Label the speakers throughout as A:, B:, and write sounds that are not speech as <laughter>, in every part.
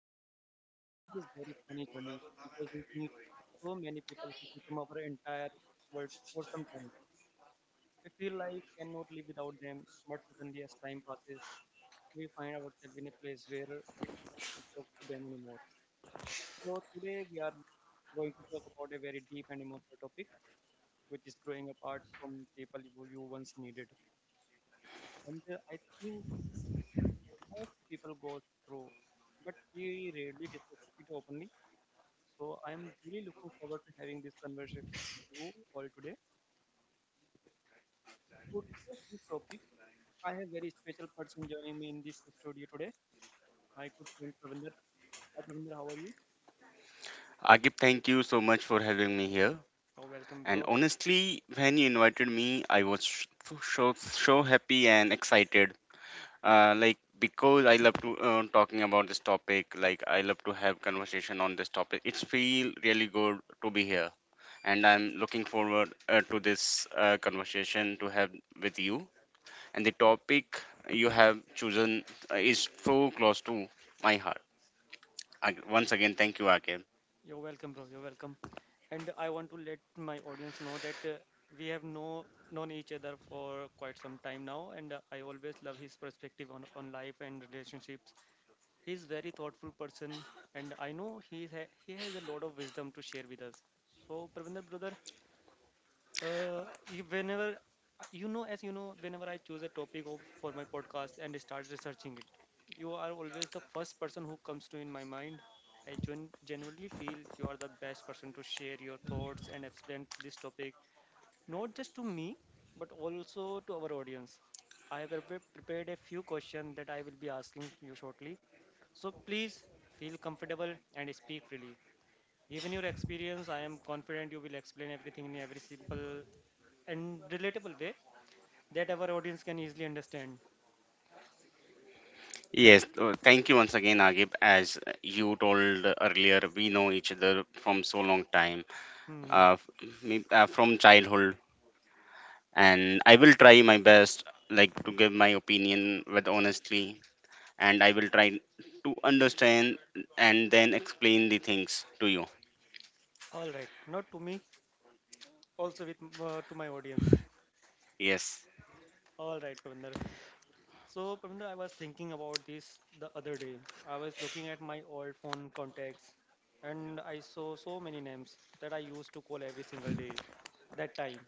A: know, life is very funny journey because we meet so many people who become our entire world for some time. We feel like we cannot live without them, but suddenly, as time passes, we find ourselves in a place where we can't even talk to them anymore. So, today we are going to talk about a very deep and emotional topic which is growing apart from people who you once needed. And I think most people go through, but we rarely discuss it openly. So I am really looking forward to having this conversation with you all today. To discuss this topic, I have very special person joining me in this studio today, my good friend Pravinder. Hi Pravinder, how are you?
B: Agib, thank you so much for having me here.
A: Oh, welcome,
B: And
A: bro.
B: honestly, when you invited me, I was so happy and excited. Like because I love to talking about this topic. Like I love to have conversation on this topic. It's feel really good to be here, and I'm looking forward to this conversation to have with you. And the topic you have chosen is so close to my heart. Once again, thank you, Akib.
A: You're welcome, bro. You're welcome. And I want to let my audience know that we have no known each other for quite some time now, and I always love his perspective on life and relationships. He's very thoughtful person, and I know he has a lot of wisdom to share with us. So, Pravinder brother, whenever as you know, whenever I choose a topic for my podcast and start researching it, you are always the first person who comes to in my mind. Genuinely feel you are the best person to share your thoughts and explain this topic, not just to me, but also to our audience. I have prepared a few questions that I will be asking you shortly. So please feel comfortable and speak freely. Given your experience, I am confident you will explain everything in every simple and relatable way that our audience can easily understand.
B: Yes, thank you once again, Agib. As you told earlier, we know each other from so long time,
A: Hmm.
B: uh, f- from childhood, and I will try my best, like to give my opinion with honesty, and I will try to understand and then explain the things to you.
A: All right, not to me, also to my audience.
B: Yes.
A: All right, Pravinder. So, Pravinder, I was thinking about this the other day. I was looking at my old phone contacts, and I saw so many names that I used to call every single day. That time,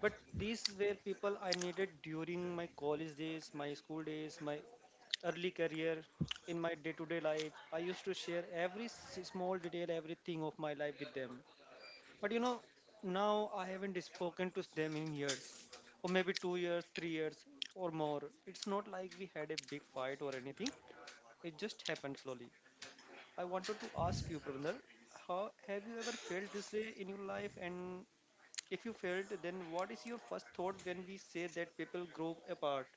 A: but these were people I needed during my college days, my school days, my early career, in my day to day life. I used to share every small detail, everything of my life with them. But you know, now I haven't spoken to them in years, or maybe 2 years, 3 years, or more. It's not like we had a big fight or anything, it just happened slowly. I wanted to ask you, brother, how have you ever felt this way in your life and if you felt, then what is your first thought when we say that people grow apart?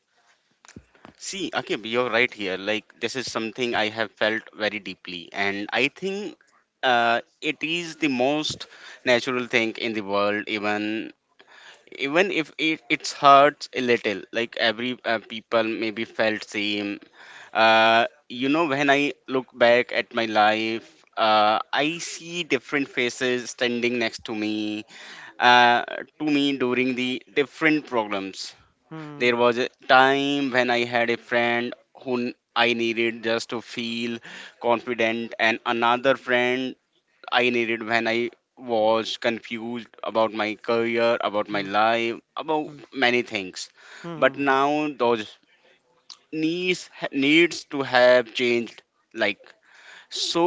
B: See, Akib, you're right here. Like this is something I have felt very deeply, and I think it is the most natural thing in the world, even if it hurts a little, like every people maybe felt same. When I look back at my life, I see different faces standing next to me, uh, during the different problems.
A: Hmm.
B: There was a time when I had a friend who I needed just to feel confident, and another friend I needed when I was confused about my career, about my
A: Hmm.
B: life, about
A: Hmm.
B: many things. But
A: Hmm. Hmm.
B: now those needs to have changed. Like so,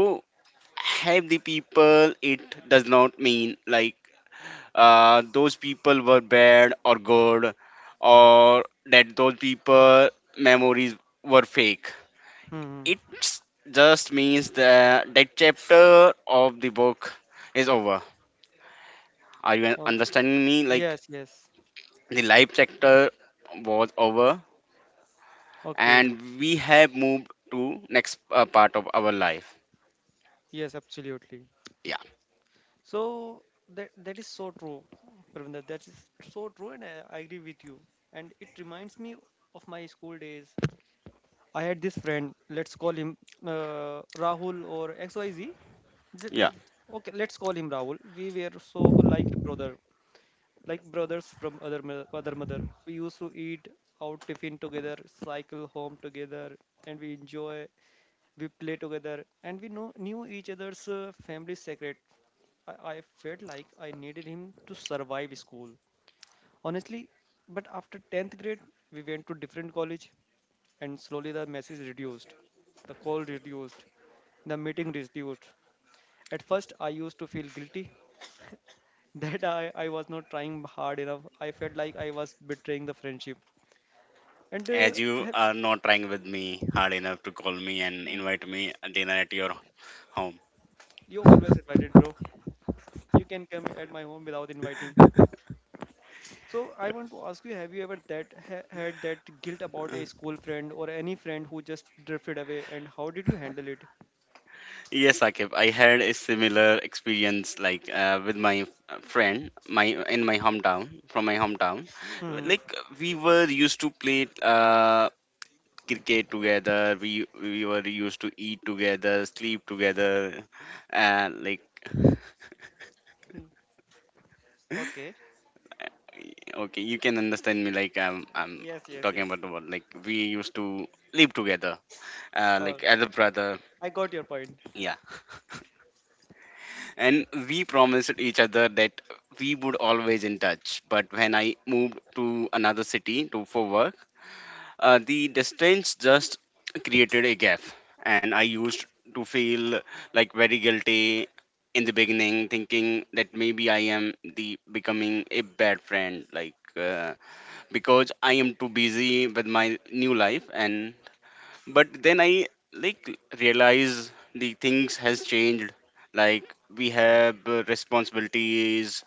B: have the people. It does not mean like those people were bad or good, or that those people memories were fake.
A: Hmm.
B: It just means that that chapter of the book is over. Are you
A: Oh,
B: understanding me? Like
A: yes. Yes.
B: the live sector was over,
A: Okay.
B: and we have moved to next part of our life.
A: Yes. Absolutely.
B: Yeah,
A: So that is so true, Pravinda. That is so true, and I agree with you. And it reminds me of my school days. I had this friend. Let's call him Rahul or XYZ. Th-
B: yeah.
A: okay, let's call him Rahul. We were so like a brother. Like brothers from other mother. We used to eat out tiffin together, cycle home together, and we enjoy. We play together, and we know knew each other's family secret. I felt like I needed him to survive school, honestly. But after tenth grade, we went to different college, and slowly the message reduced, the call reduced, the meeting reduced, at first, I used to feel guilty <laughs> that I was not trying hard enough. I felt like I was betraying the friendship. And
B: As
A: <laughs>
B: you
A: have-
B: are not trying with me hard enough to call me and invite me a dinner at your home.
A: you always invited, bro. You can come at my home without inviting. So I want to ask you: Have you ever that ha- Had that guilt about a school friend or any friend who just drifted away, and how did you handle it?
B: Yes, Akib, I had a similar experience like with my friend, my in my hometown, from my hometown.
A: Hmm.
B: Like we were used to play. Cricket together. We were used to eat together, sleep together, and like
A: Hmm. Okay.
B: okay, you can understand me. Like I'm
A: Yes. Yes.
B: talking
A: Yes.
B: about what like we used to live together,
A: Uh,
B: like elder brother.
A: I got your point.
B: Yeah, and we promised each other that we would always in touch. But when I moved to another city to for work, the distance just created a gap, and I used to feel like very guilty in the beginning, thinking that maybe I am the becoming a bad friend, like because I am too busy with my new life. And but then I like realize the things has changed. Like we have responsibilities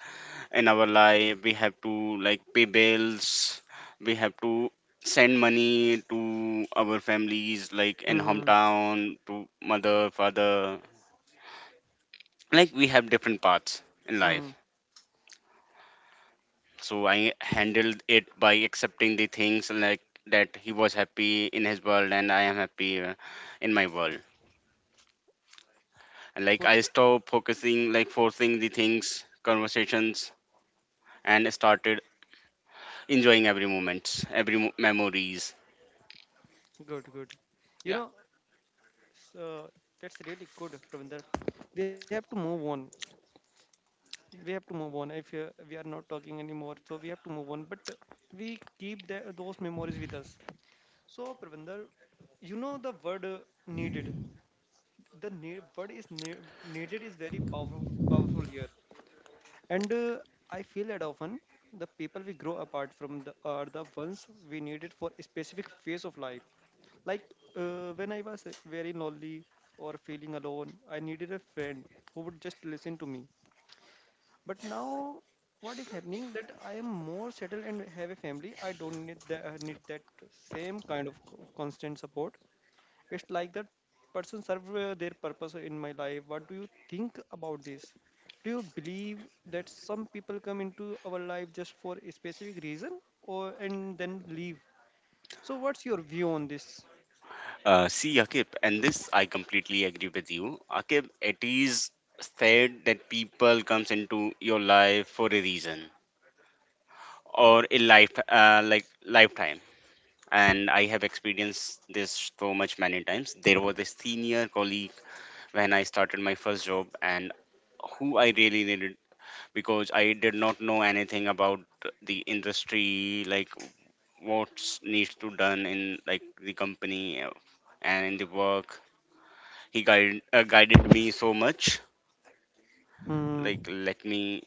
B: in our life. We have to like pay bills, we have to send money to our families like in
A: Hmm.
B: hometown to mother, father. Like we have different paths in
A: Hmm.
B: life, so I handled it by accepting the things, like that he was happy in his world and I am happy in my world. And like
A: So
B: I stopped focusing like forcing the things conversations, and started enjoying every moments, memories.
A: good. Good. You
B: Yeah.
A: know, so that's really good, Pravinder. We have to move on. We have to move on. If we are not talking anymore, so we have to move on. But we keep those memories with us. So Pravinder, you know the word needed. The needed is very powerful. Powerful here. And I feel that often the people we grow apart from are the ones we needed for a specific phase of life. Like when I was very lonely or feeling alone, I needed a friend who would just listen to me. But now, what is happening that I am more settled and have a family. I don't need that same kind of constant support. It's like that person serve their purpose in my life. What do you think about this? Do you believe that some people come into our life just for a specific reason or and then leave? So what's your view on this?
B: See, Akib, and this I completely agree with you. Akib, it is said that people comes into your life for a reason or a life, like lifetime. And I have experienced this so much many times. There was a senior colleague when I started my first job, and who I really needed because I did not know anything about the industry, like what needs to done in like the company, and in the work. He guided me so much.
A: Hmm.
B: Like, let me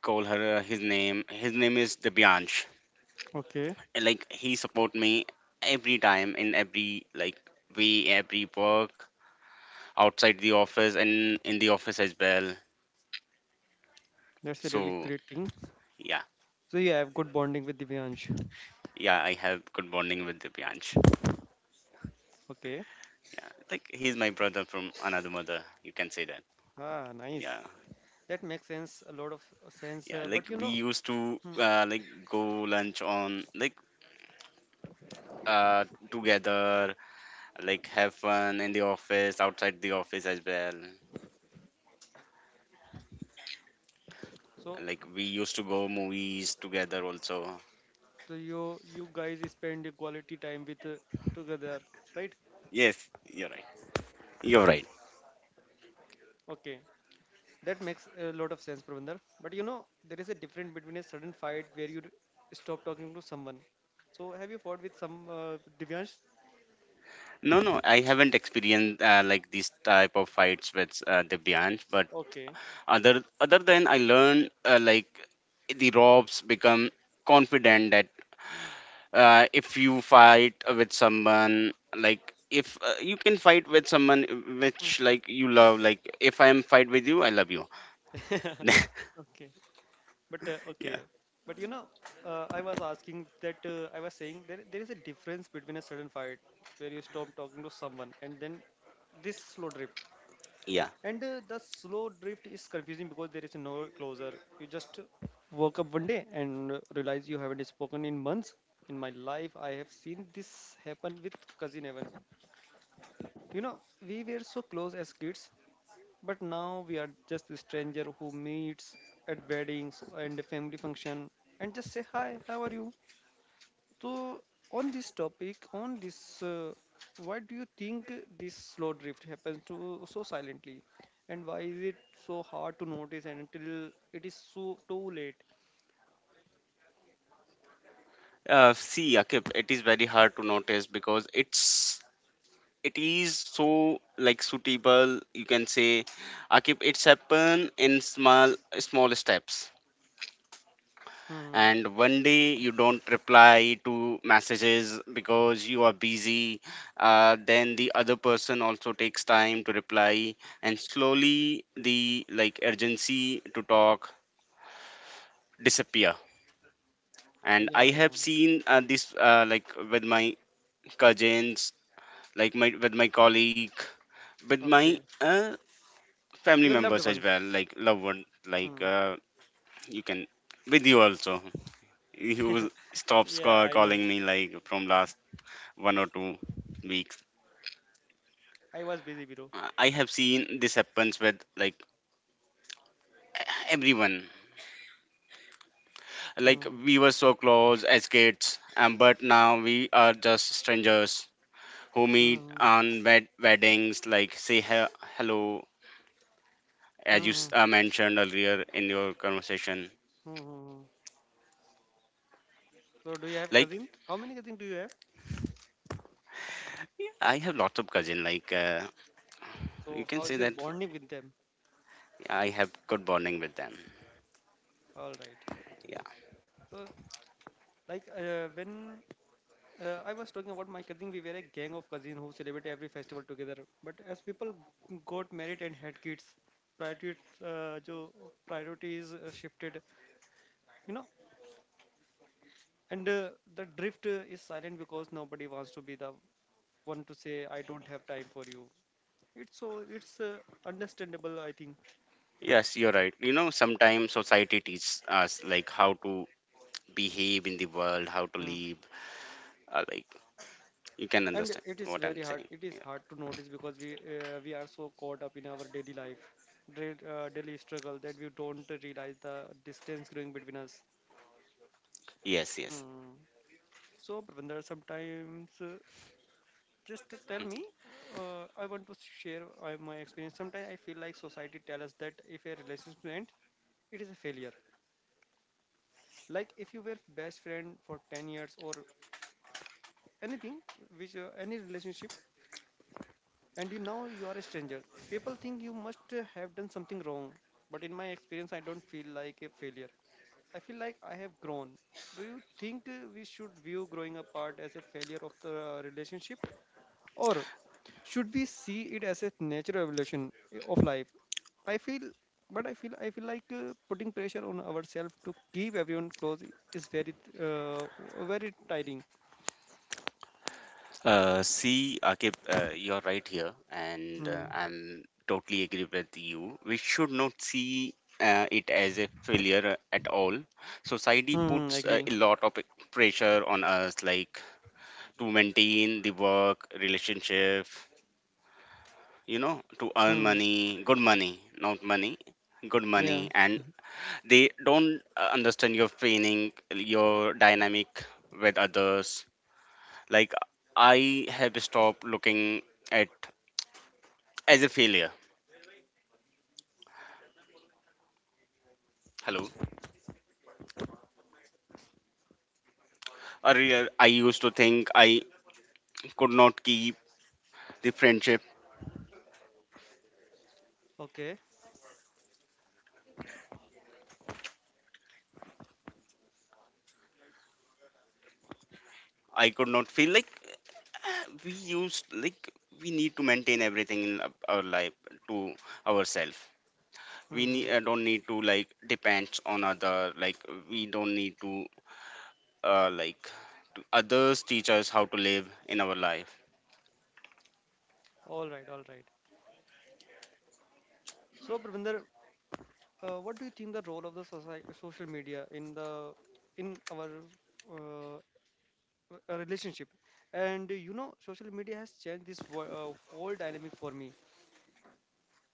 B: call her his name. His name is Dibyansh.
A: Okay,
B: And, like, he support me every time in every like way, every work outside the office and in the office as well.
A: that's a really
B: So
A: great thing.
B: yeah,
A: So you have good bonding with Divyansh.
B: yeah, I have good bonding with Dibyansh.
A: Okay.
B: Like, he's my brother from another mother. You can say that.
A: Ah, nice.
B: Yeah,
A: That makes sense. A lot of sense.
B: yeah.
A: But
B: Like
A: you
B: we
A: know,
B: used to
A: hmm,
B: like go lunch on like uh together, like have fun in the office, outside the office as well. And,
A: so
B: like we used to go movies together also.
A: you you guys spend the quality time with together, right?
B: Yes, you're right. You're right.
A: Okay. That makes a lot of sense, Pravinder. But you know, there is a difference between a sudden fight where you stop talking to someone. So, have you fought with some Divyansh?
B: No, no, I haven't experienced like these type of fights with Divyansh, but
A: Okay.
B: other than I learned like the robs become confident that if you fight with someone, like if you can fight with someone
A: Hmm,
B: which like you love, like if I am fight with you I love you. <laughs>
A: okay. But
B: Yeah.
A: okay. But you know, I was saying there is a difference between a sudden fight where you stop talking to someone and then this slow drift. And The slow drift is confusing because there is no closure. You just woke up one day and realize you haven't spoken in months. In my life, I have seen this happen with cousin Evan. You know, we were so close as kids, but now we are just a stranger who meets at weddings and family function and just say hi, how are you? So, on this topic, on this, why do you think this slow drift happens to so silently, and why is it so hard to notice and until it is so too late?
B: See, Akib, it is very hard to notice because it is so like suitable. You can say, Akib, it's happen in small small steps.
A: Hmm.
B: And one day you don't reply to messages because you are busy. Then the other person also takes time to reply, and slowly the like urgency to talk disappear. And I
A: Yeah, yeah.
B: have seen this like with my cousins, like my with my colleague, with my
A: Okay.
B: family
A: Your loved
B: members as
A: ones.
B: well, like loved one, like
A: Hmm.
B: you can with you also. You stops
A: Yeah, I know.
B: calling me like from last one or two weeks.
A: I was busy, bro.
B: I have seen this happens with like everyone. Like
A: Hmm.
B: we were so close as kids, but now we are just strangers who meet
A: Hmm. Hmm.
B: on weddings. Like say hello,
A: Hmm.
B: as you
A: Hmm, hmm,
B: mentioned earlier in your conversation.
A: hmm, hmm. So, do you have
B: Like
A: cousins? How many cousins do you have?
B: yeah, I have lots of cousin. Like you
A: So,
B: can
A: how
B: say
A: is your
B: that
A: bonding with them?
B: I have good bonding with them.
A: All right.
B: Yeah.
A: So, like, when I was talking about my cousin. We were a gang of cousins who celebrated every festival together. But as people got married and had kids, priority, jo priorities shifted, you know. And The drift is silent because nobody wants to be the one to say, "I don't have time for you." It's so it's understandable, I think.
B: Yes, you're right. You know, sometimes society teaches us like how to behave in the world, how to
A: Mm.
B: live. Like you can
A: And
B: understand
A: it is
B: what I'm
A: very hard.
B: saying.
A: It
B: Yeah.
A: is hard to notice because we are so caught up in our daily life, daily struggle that we don't realize the distance growing between us.
B: Yes, yes.
A: Hmm. So, Pravinder, sometimes just tell me, I want to share my experience. Sometimes I feel like society tells us that if a relationship ends, it is a failure. Like if you were best friend for 10 years or anything, which any relationship, and you now you are a stranger, people think you must have done something wrong. But in my experience, I don't feel like a failure. I feel like I have grown. Do you think we should view growing apart as a failure of the relationship? Or should we see it as a natural evolution of life? I feel, but I feel like putting pressure on ourselves to keep everyone close is very, uh, very tiring.
B: See, Akib, you're right here, and
A: Hmm.
B: I'm totally agree with you. We should not see it as a failure at all. Society
A: Hmm.
B: puts
A: Agree.
B: a lot of pressure on us, like to maintain the work relationship, you know, to earn
A: Hmm.
B: money, good money, not money, good
A: Yeah.
B: money. And they don't understand your feeling, your dynamic with others. Like I have stopped looking at as a failure. Hello, earlier I used to think I could not keep the friendship,
A: Okay.
B: I could not feel like we used, like we need to maintain everything in our life to ourselves. we nee-
A: Hmm.
B: uh, don't need to like depends on other. Like we don't need to like others teach us how to live in our life.
A: All right. All right. So, Pravinder, what do you think the role of the society, social media in the in our uh, a relationship? And you know, social media has changed this whole dynamic for me.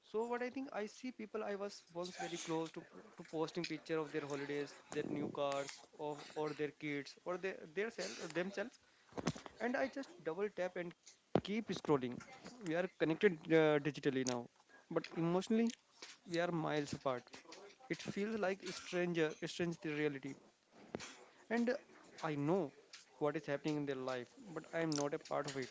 A: So what I think I see people I was once very close to posting picture of their holidays, their new cars, or their kids, or their self, themselves, and I just double tap and keep scrolling. We are connected digitally now, but emotionally we are miles apart. It feels like a stranger, a strange the reality, and I know what is happening in their life, but I am not a part of it.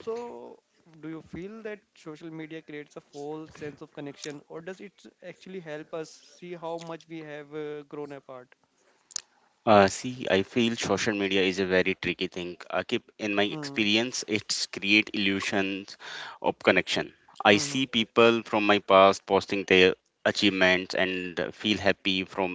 A: So, do you feel that social media creates a false sense of connection, or does it actually help us see how much we have grown apart?
B: See, I feel social media is a very tricky thing, Akib. In my
A: Hmm.
B: experience, it's create illusions of connection. I see
A: Hmm.
B: people from my past posting their achievements and feel happy from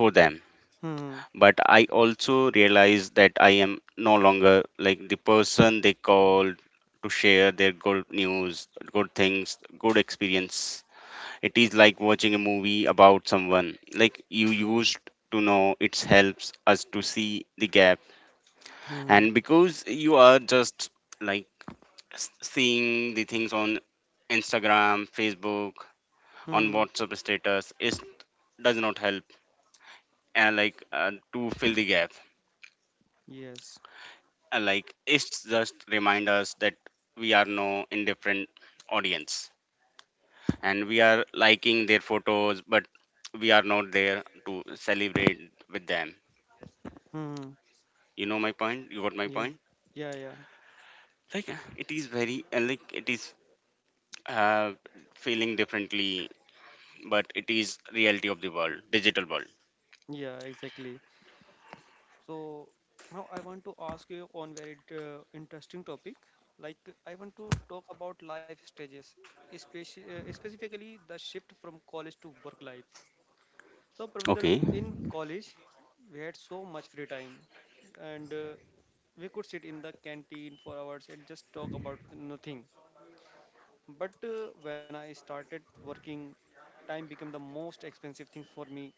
B: for them.
A: Hmm. Hmm.
B: But I also realized that I am no longer like the person they called to share their good news, good things, good experience. It is like watching a movie about someone like you used to know. It helps us to see the gap,
A: Hmm.
B: and because you are just like seeing the things on Instagram, Facebook, on
A: Hmm.
B: WhatsApp status, it does not help and like to fill the gap.
A: Yes.
B: Like it's just remind us that we are no indifferent audience, and we are liking their photos, but we are not there to celebrate with them.
A: Hmm.
B: You know my point? You got my
A: Yeah.
B: point.
A: Yeah. Yeah.
B: Like it is very like it is uh, feeling differently, but it is reality of the world, digital world.
A: Yeah. Exactly. So now I want to ask you on very interesting topic. Like I want to talk about life stages, especially specifically the shift from college to work life. So, Pravinder,
B: Okay.
A: in college, we had so much free time, and we could sit in the canteen for hours and just talk about nothing. But when I started working, time became the most expensive thing for me.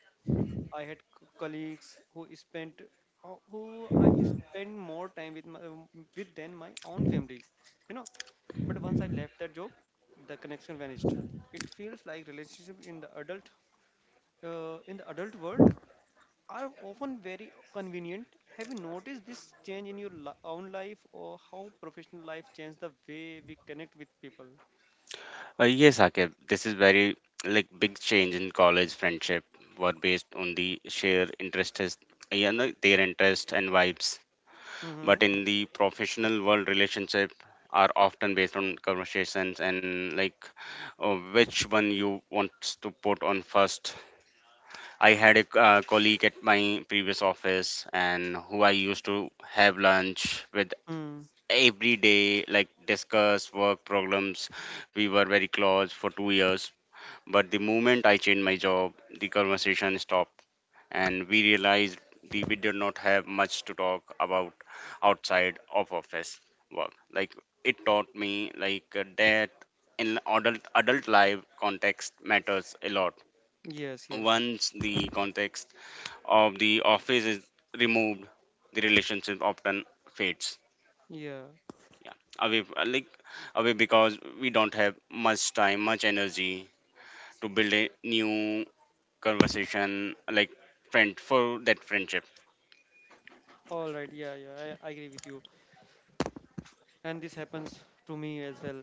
A: I had colleagues who spent, who I spent more time with, with than my own family. You know, but once I left that job, the connection vanished. It feels like relationship in the adult world are often very convenient. Have you noticed this change in your own life or how professional life changed the way we connect with people?
B: Yes, Akib, this is very like big change. In college, friendship were based on the shared interests. Yeah, no, their interests and vibes.
A: Mm-hmm.
B: But in the professional world, relationship are often based on conversations and like which one you want to put on first. I had a colleague at my previous office and who I used to have lunch with
A: Mm.
B: every day, like discuss work problems. We were very close for 2 years, but the moment I changed my job, the conversation stopped, and we realized that we did not have much to talk about outside of office work. Like it taught me like that in adult life, context matters a lot.
A: Yes, yes.
B: Once the context of the office is removed, the relationship often fades
A: Yeah.
B: away, like away, because we don't have much time, much energy to build a new conversation, like friend for that friendship.
A: All right. Yeah, yeah. I agree with you. And this happens to me as well.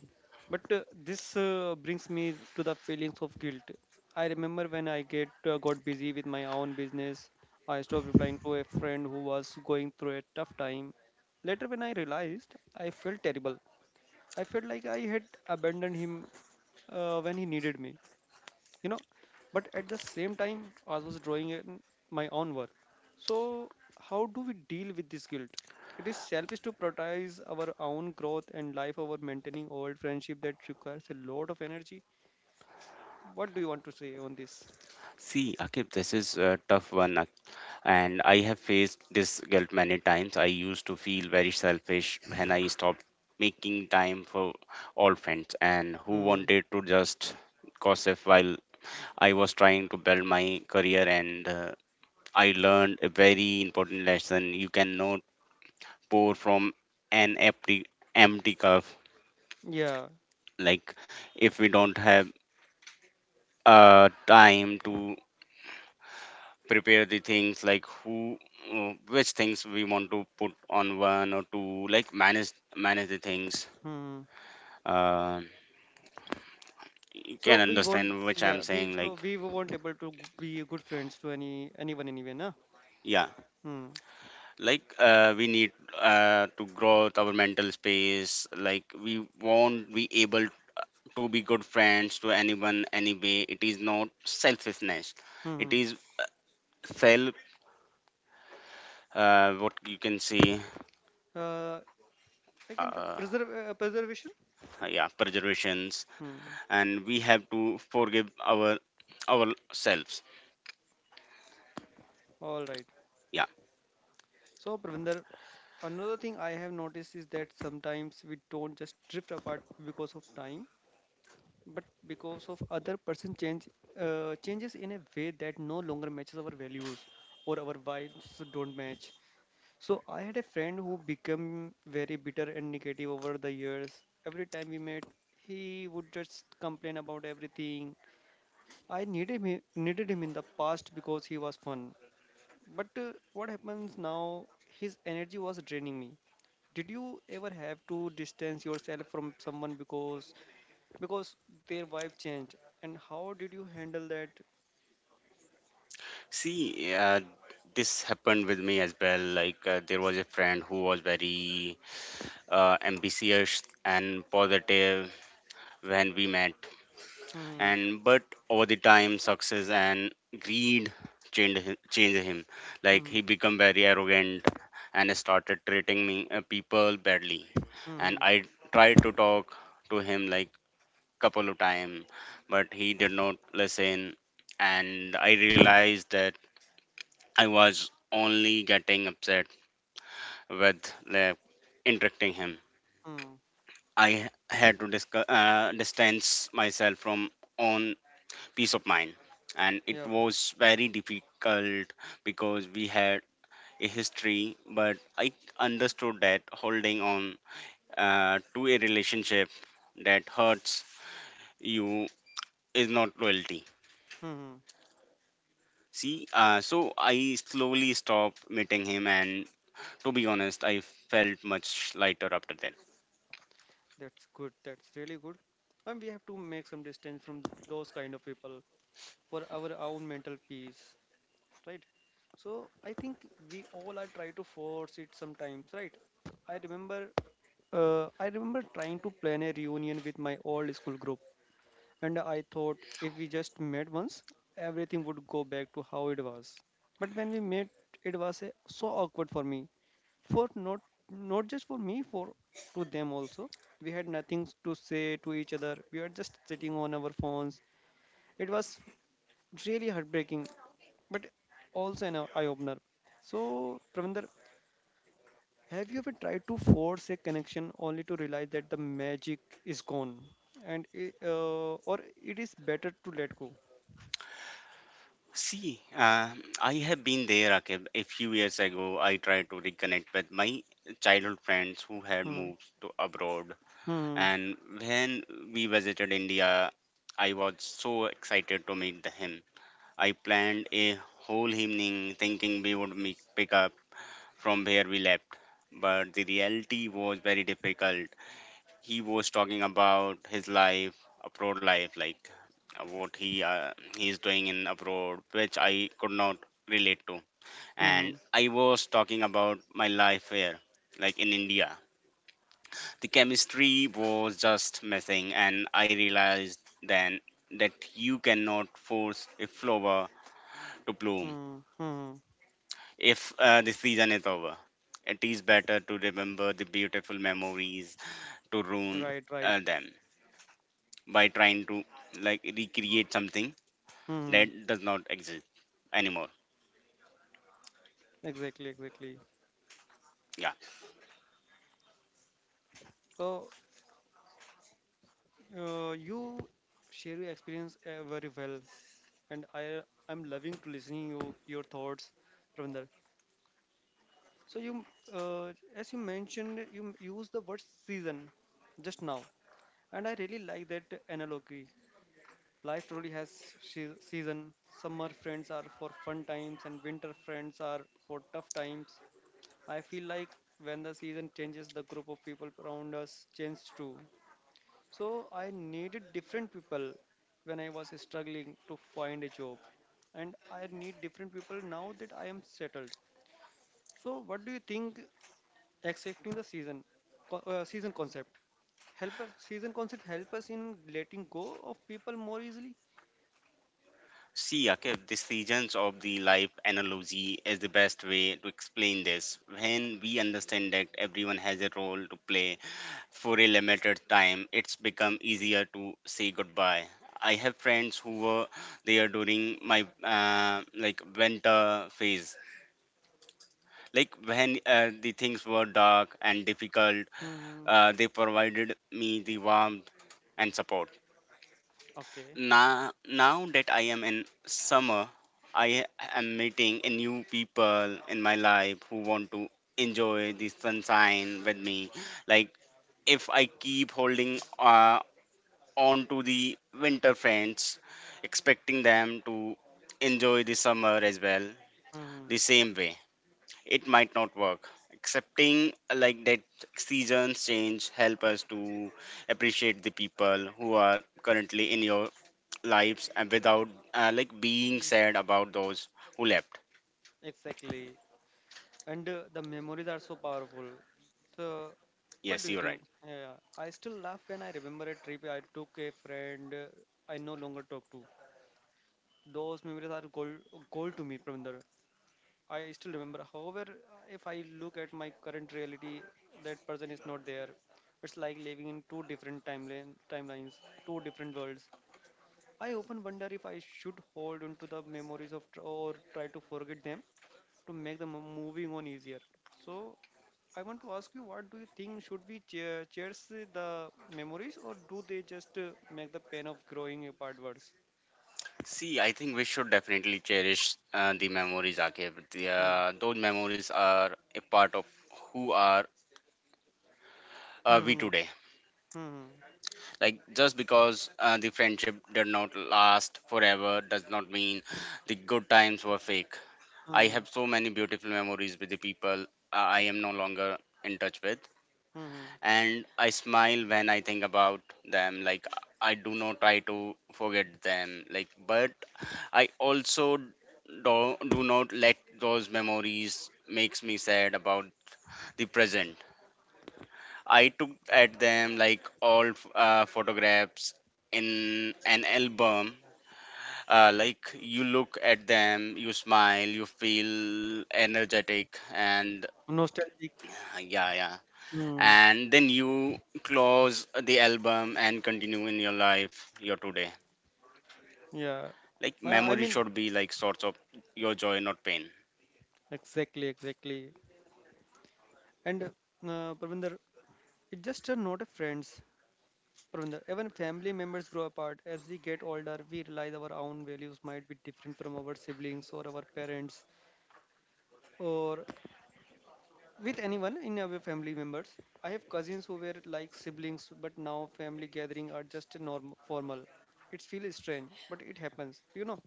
A: But this brings me to the feelings of guilt. I remember when I get got busy with my own business, I stopped replying to a friend who was going through a tough time. Later, when I realized, I felt terrible. I felt like I had abandoned him when he needed me, you know. But at the same time, I was drawing in my own work. So, how do we deal with this guilt? It is selfish to prioritize our own growth and life over maintaining old friendship that requires a lot of energy. What do you want to say on this?
B: See, Akib, this is a tough one, and I have faced this guilt many times. I used to feel very selfish when I stopped making time for all friends and who
A: Hmm.
B: wanted to just gossip while I was trying to build my career. And I learned a very important lesson: you cannot pour from an empty cup.
A: Yeah.
B: Like if we don't have time to prepare the things, like who which things we want to put on one or two, like manage the things.
A: Hmm.
B: uh, you
A: So
B: can
A: we won't.
B: understand which I'm
A: Yeah. We
B: saying, like.
A: so we will not able to be good friends to anyone anyway, nah.
B: Yeah,
A: Hmm.
B: like we need to grow our mental space, like we won't be able to be good friends to anyone anyway. It is not selfishness, it
A: Hmm.
B: is self, what you can see.
A: Uh, I can say
B: uh,
A: preservation.
B: yeah, preservations.
A: Hmm.
B: And we have to forgive our ourselves.
A: All right.
B: Yeah.
A: So, Pravinder, another thing I have noticed is that sometimes we don't just drift apart because of time, but because of other person changes in a way that no longer matches our values or our vibes don't match. So, I had a friend who became very bitter and negative over the years. Every time we met, he would just complain about everything. Needed him in the past because he was fun. But what happens now? His energy was draining me. Did you ever have to distance yourself from someone because their wife changed? And how did you handle that?
B: See, this happened with me as well. Like there was a friend who was very ambitious and positive when we met.
A: Hmm.
B: And but over the time, success and greed changed him, like
A: Hmm.
B: he became very arrogant and started treating me people badly. And
A: Hmm.
B: I tried to talk to him, like, couple of time, but he did not listen. And I realized that I was only getting upset with, like, interacting him.
A: Hmm.
B: I had to distance myself from own peace of mind, and it
A: Yeah.
B: was very difficult because we had a history. But I understood that holding on to a relationship that hurts you is not loyalty.
A: Hmm. Hmm.
B: See, so I slowly stopped meeting him, and to be honest, I felt much lighter after that.
A: That's good. That's really good. And we have to make some distance from those kind of people for our own mental peace, right? So I think we all are try to force it sometimes, right? I remember I remember trying to plan a reunion with my old school group, and I thought if we just met once, everything would go back to how it was. But when we met, it was so awkward for me. For not not just for me, for to them also. We had nothing to say to each other. We were just sitting on our phones. It was really heartbreaking, but also an eye opener. So, Pravinder, have you ever tried to force a connection only to realize that the magic is gone, and or it is better to let go?
B: See, I have been there, Akib. A few years ago, I tried to reconnect with my childhood friends who had
A: Hmm.
B: moved to abroad,
A: Hmm.
B: and when we visited India, I was so excited to meet the him. I planned a whole evening thinking we would meet, pick up from where we left, but the reality was very difficult. He was talking about his life, abroad life, like what he is doing in abroad, which I could not relate to. And
A: Hmm.
B: I was talking about my life here, like in India. The chemistry was just missing, and I realized then that you cannot force a flower to bloom
A: Hmm. Hmm. Hmm.
B: if the season is over. It is better to remember the beautiful memories to ruin
A: Right. Right.
B: them, by trying to, like, recreate something
A: Hmm.
B: that does not exist anymore.
A: Exactly. Exactly.
B: Yeah.
A: So you share your experience very well, and I'm loving to listening you your thoughts, Pravinder. So you as you mentioned you use the word season just now, and I really like that analogy. Life truly has season. Summer friends are for fun times and winter friends are for tough times. I feel like when the season changes, the group of people around us change too. So I needed different people when I was struggling to find a job, and I need different people now that I am settled. So what do you think? Accepting the season concept help us. Season concept help us in letting go of people more easily.
B: See, Akif, this regions of the life analogy is the best way to explain this. When we understand that everyone has a role to play for a limited time, it's become easier to say goodbye. I have friends who were there during my like winter phase. Like when the things were dark and difficult,
A: Hmm.
B: they provided me the warmth and support.
A: Okay.
B: Now that I am in summer, I am meeting a new people in my life who want to enjoy the sunshine with me. Like if I keep holding on to the winter friends, expecting them to enjoy the summer as well,
A: Mhm.
B: the same way, it might not work. Accepting like that seasons change help us to appreciate the people who are currently in your lives and without like being
A: Mm.
B: sad about those who left.
A: Exactly. And the memories are so powerful. So, what
B: Yes,
A: do you
B: you're right.
A: think? Yeah, I still laugh when I remember a trip I took a friend I no longer talk to. Those memories are gold, gold to me, Pravinder. I still remember. However, if I look at my current reality, that person is not there. It's like living in timelines, two different worlds. I often wonder if I should hold on to the memories of or try to forget them to make the moving on easier. So I want to ask you, what do you think? Should we cherish the memories, or do they just make the pain of growing apart worse?
B: See, I think we should definitely cherish the memories, Akib.
A: Hmm.
B: Those memories are a part of who are
A: Hmm. Hmm.
B: we
A: Hmm.
B: today.
A: Hmm.
B: Like just because the friendship did not last forever does not mean the good times were fake. I
A: Hmm. Hmm.
B: have so many beautiful memories with the people I am no longer in touch with.
A: Hmm, hmm.
B: And I smile when I think about them. Like I do not try to forget them. Like, but I also do not let those memories makes me sad about the present. I took at them like all photographs in an album. Like you look at them, you smile, you feel energetic, and
A: Nostalgic.
B: yeah, yeah.
A: Hmm.
B: And then you close the album and continue in your life your today.
A: Yeah.
B: Like
A: I
B: memory
A: mean,
B: should be like source of your joy, not pain.
A: exactly, exactly. And Pravinder, it's just not a friends. Pravinder, even family members grow apart. As we get older, we realize our own values might be different from our siblings or our parents or with anyone in our family members. I have cousins who were like siblings, but now family gathering are just a norm formal. It feels strange, but it happens, you know.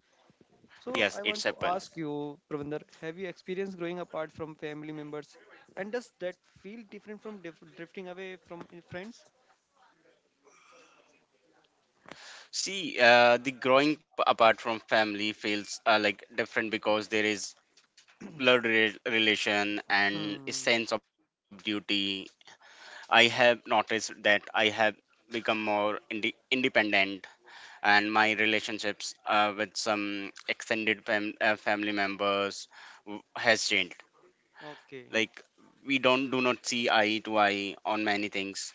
A: So
B: Yes,
A: I
B: it's
A: want to
B: happened.
A: ask you, Pravinder, have you experienced growing apart from family members, and does that feel different from dif drifting away from your friends?
B: See, the growing apart from family feels like different because there is blurred relation and a
A: Hmm.
B: sense of duty. I have noticed that I have become more independent, and my relationships with some extended family members has changed.
A: Okay.
B: Like we don't do not see eye to eye on many things.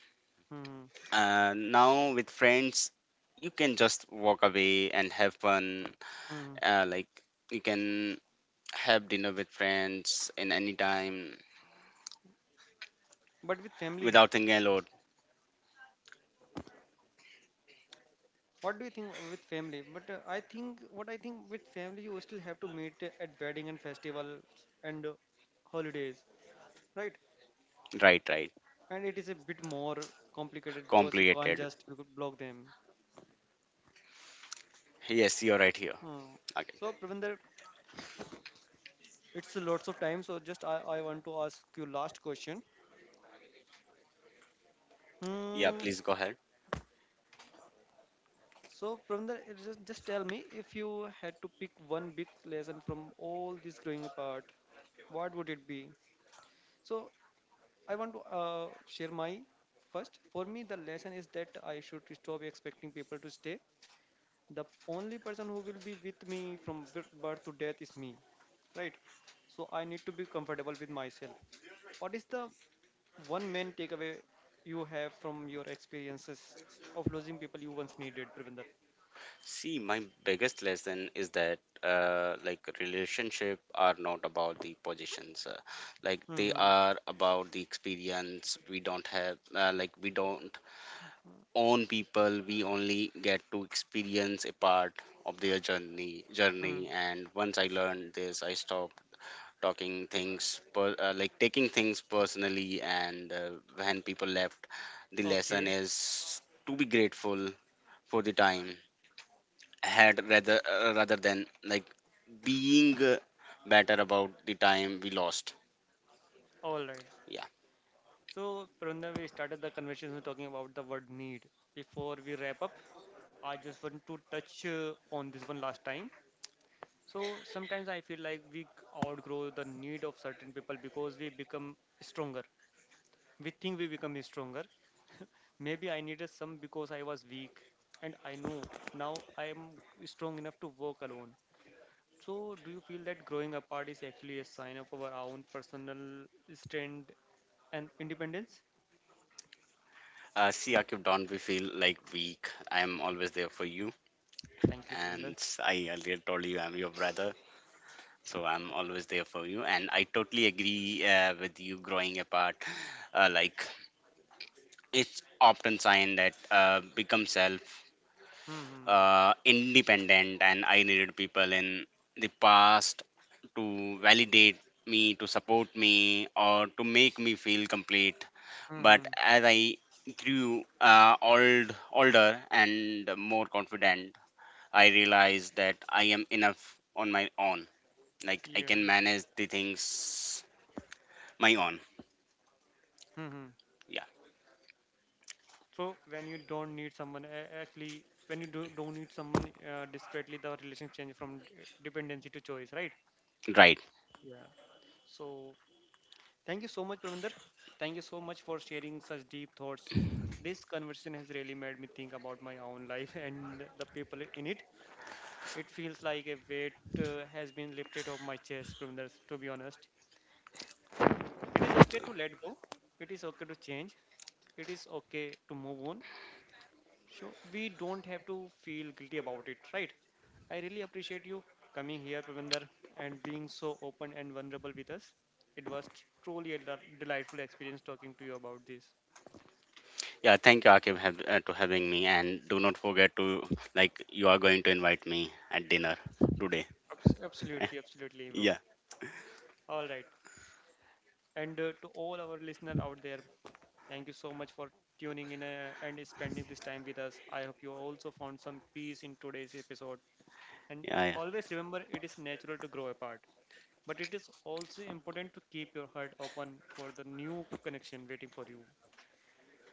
A: Hmm.
B: Now with friends, you can just walk away and have fun.
A: Hmm.
B: Like you can have dinner with friends in any time
A: But with family,
B: without thinking a lot.
A: what do you think with family but I think what I think with family you still have to meet at wedding and festivals and holidays, right?
B: Right, right.
A: And it is a bit more complicated because you can't
B: Complicated.
A: just block them.
B: Yes, you're right here.
A: Hmm.
B: Okay.
A: So Pravinder, it's lots of time so just I want to ask you last question.
B: Yeah,
A: Hmm.
B: please go ahead.
A: So Pravinder, it just tell me if you had to pick one big lesson from all this growing apart, what would it be? So I want to share my first. For me, the lesson is that I should stop expecting people to stay. The only person who will be with me from birth to death is me, right? So I need to be comfortable with myself. What is the one main takeaway you have from your experiences of losing people you once needed, Pravinder?
B: See, my biggest lesson is that like relationship are not about the positions, like they
A: Mm-hmm.
B: are about the experience. We don't own people. We only get to experience a part of their journey.
A: Mm.
B: Journey, and once I learned this, I stopped like taking things personally. And when people left, the lesson
A: Okay.
B: is to be grateful for the time had rather than, like, being better about the time we lost.
A: All right.
B: Yeah.
A: So, Pravinder, we started the conversation talking about the word need. Before we wrap up, I just want to touch on this one last time. So sometimes I feel like we outgrow the need of certain people because we become stronger. We think we become stronger. <laughs> Maybe I needed some because I was weak, and I know now I am strong enough to work alone. So do you feel that growing apart is actually a sign of our own personal strength and independence?
B: See, Akif, don't we feel like weak. I am always there for you,
A: Thank you,
B: and
A: Pravinder.
B: I earlier told you I'm your brother, so I'm always there for you. And I totally agree with you growing apart. Like it's often sign that become self
A: Hmm.
B: independent. And I needed people in the past to validate me, to support me, or to make me feel complete.
A: Hmm. Hmm,
B: But
A: hmm.
B: as I grew older and more confident, I realized that I am enough on my own. Like I
A: Yeah.
B: can manage the things my own.
A: Hmm. Hmm.
B: Yeah,
A: So when you don't need someone, a- actually, when you do, don't need someone desperately, the relationship changes from dependency to choice, right?
B: right.
A: Yeah. So thank you so much, Pravinder. Thank you so much for sharing such deep thoughts. This conversation has really made me think about my own life <laughs> and the people in it. It feels like a weight has been lifted off my chest, Pravinder, to be honest. It is okay to let go. It is okay to change. It is okay to move on. So we don't have to feel guilty about it, right? I really appreciate you coming here, Pravinder, and being so open and vulnerable with us. It was truly a delightful experience talking to you about this.
B: Yeah, thank you, Akib, to having me. And do not forget to, like, you are going to invite me at dinner today.
A: Absolutely, absolutely, bro.
B: Yeah,
A: All right. And to all our listeners out there, thank you so much for tuning in and spending this time with us. I hope you also found some peace in today's episode. And
B: yeah, yeah.
A: always remember, it is natural to grow apart. But it is also important to keep your heart open for the new connection waiting for you.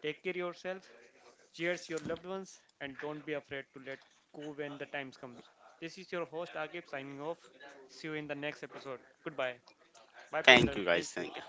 A: Take care yourself, cheers your loved ones, and don't be afraid to let go when the times comes. This is your host Agib signing off. See you in the next episode. Goodbye. Bye Pravinder.
B: Thank you, guys.
A: Thank you.
B: Thank you.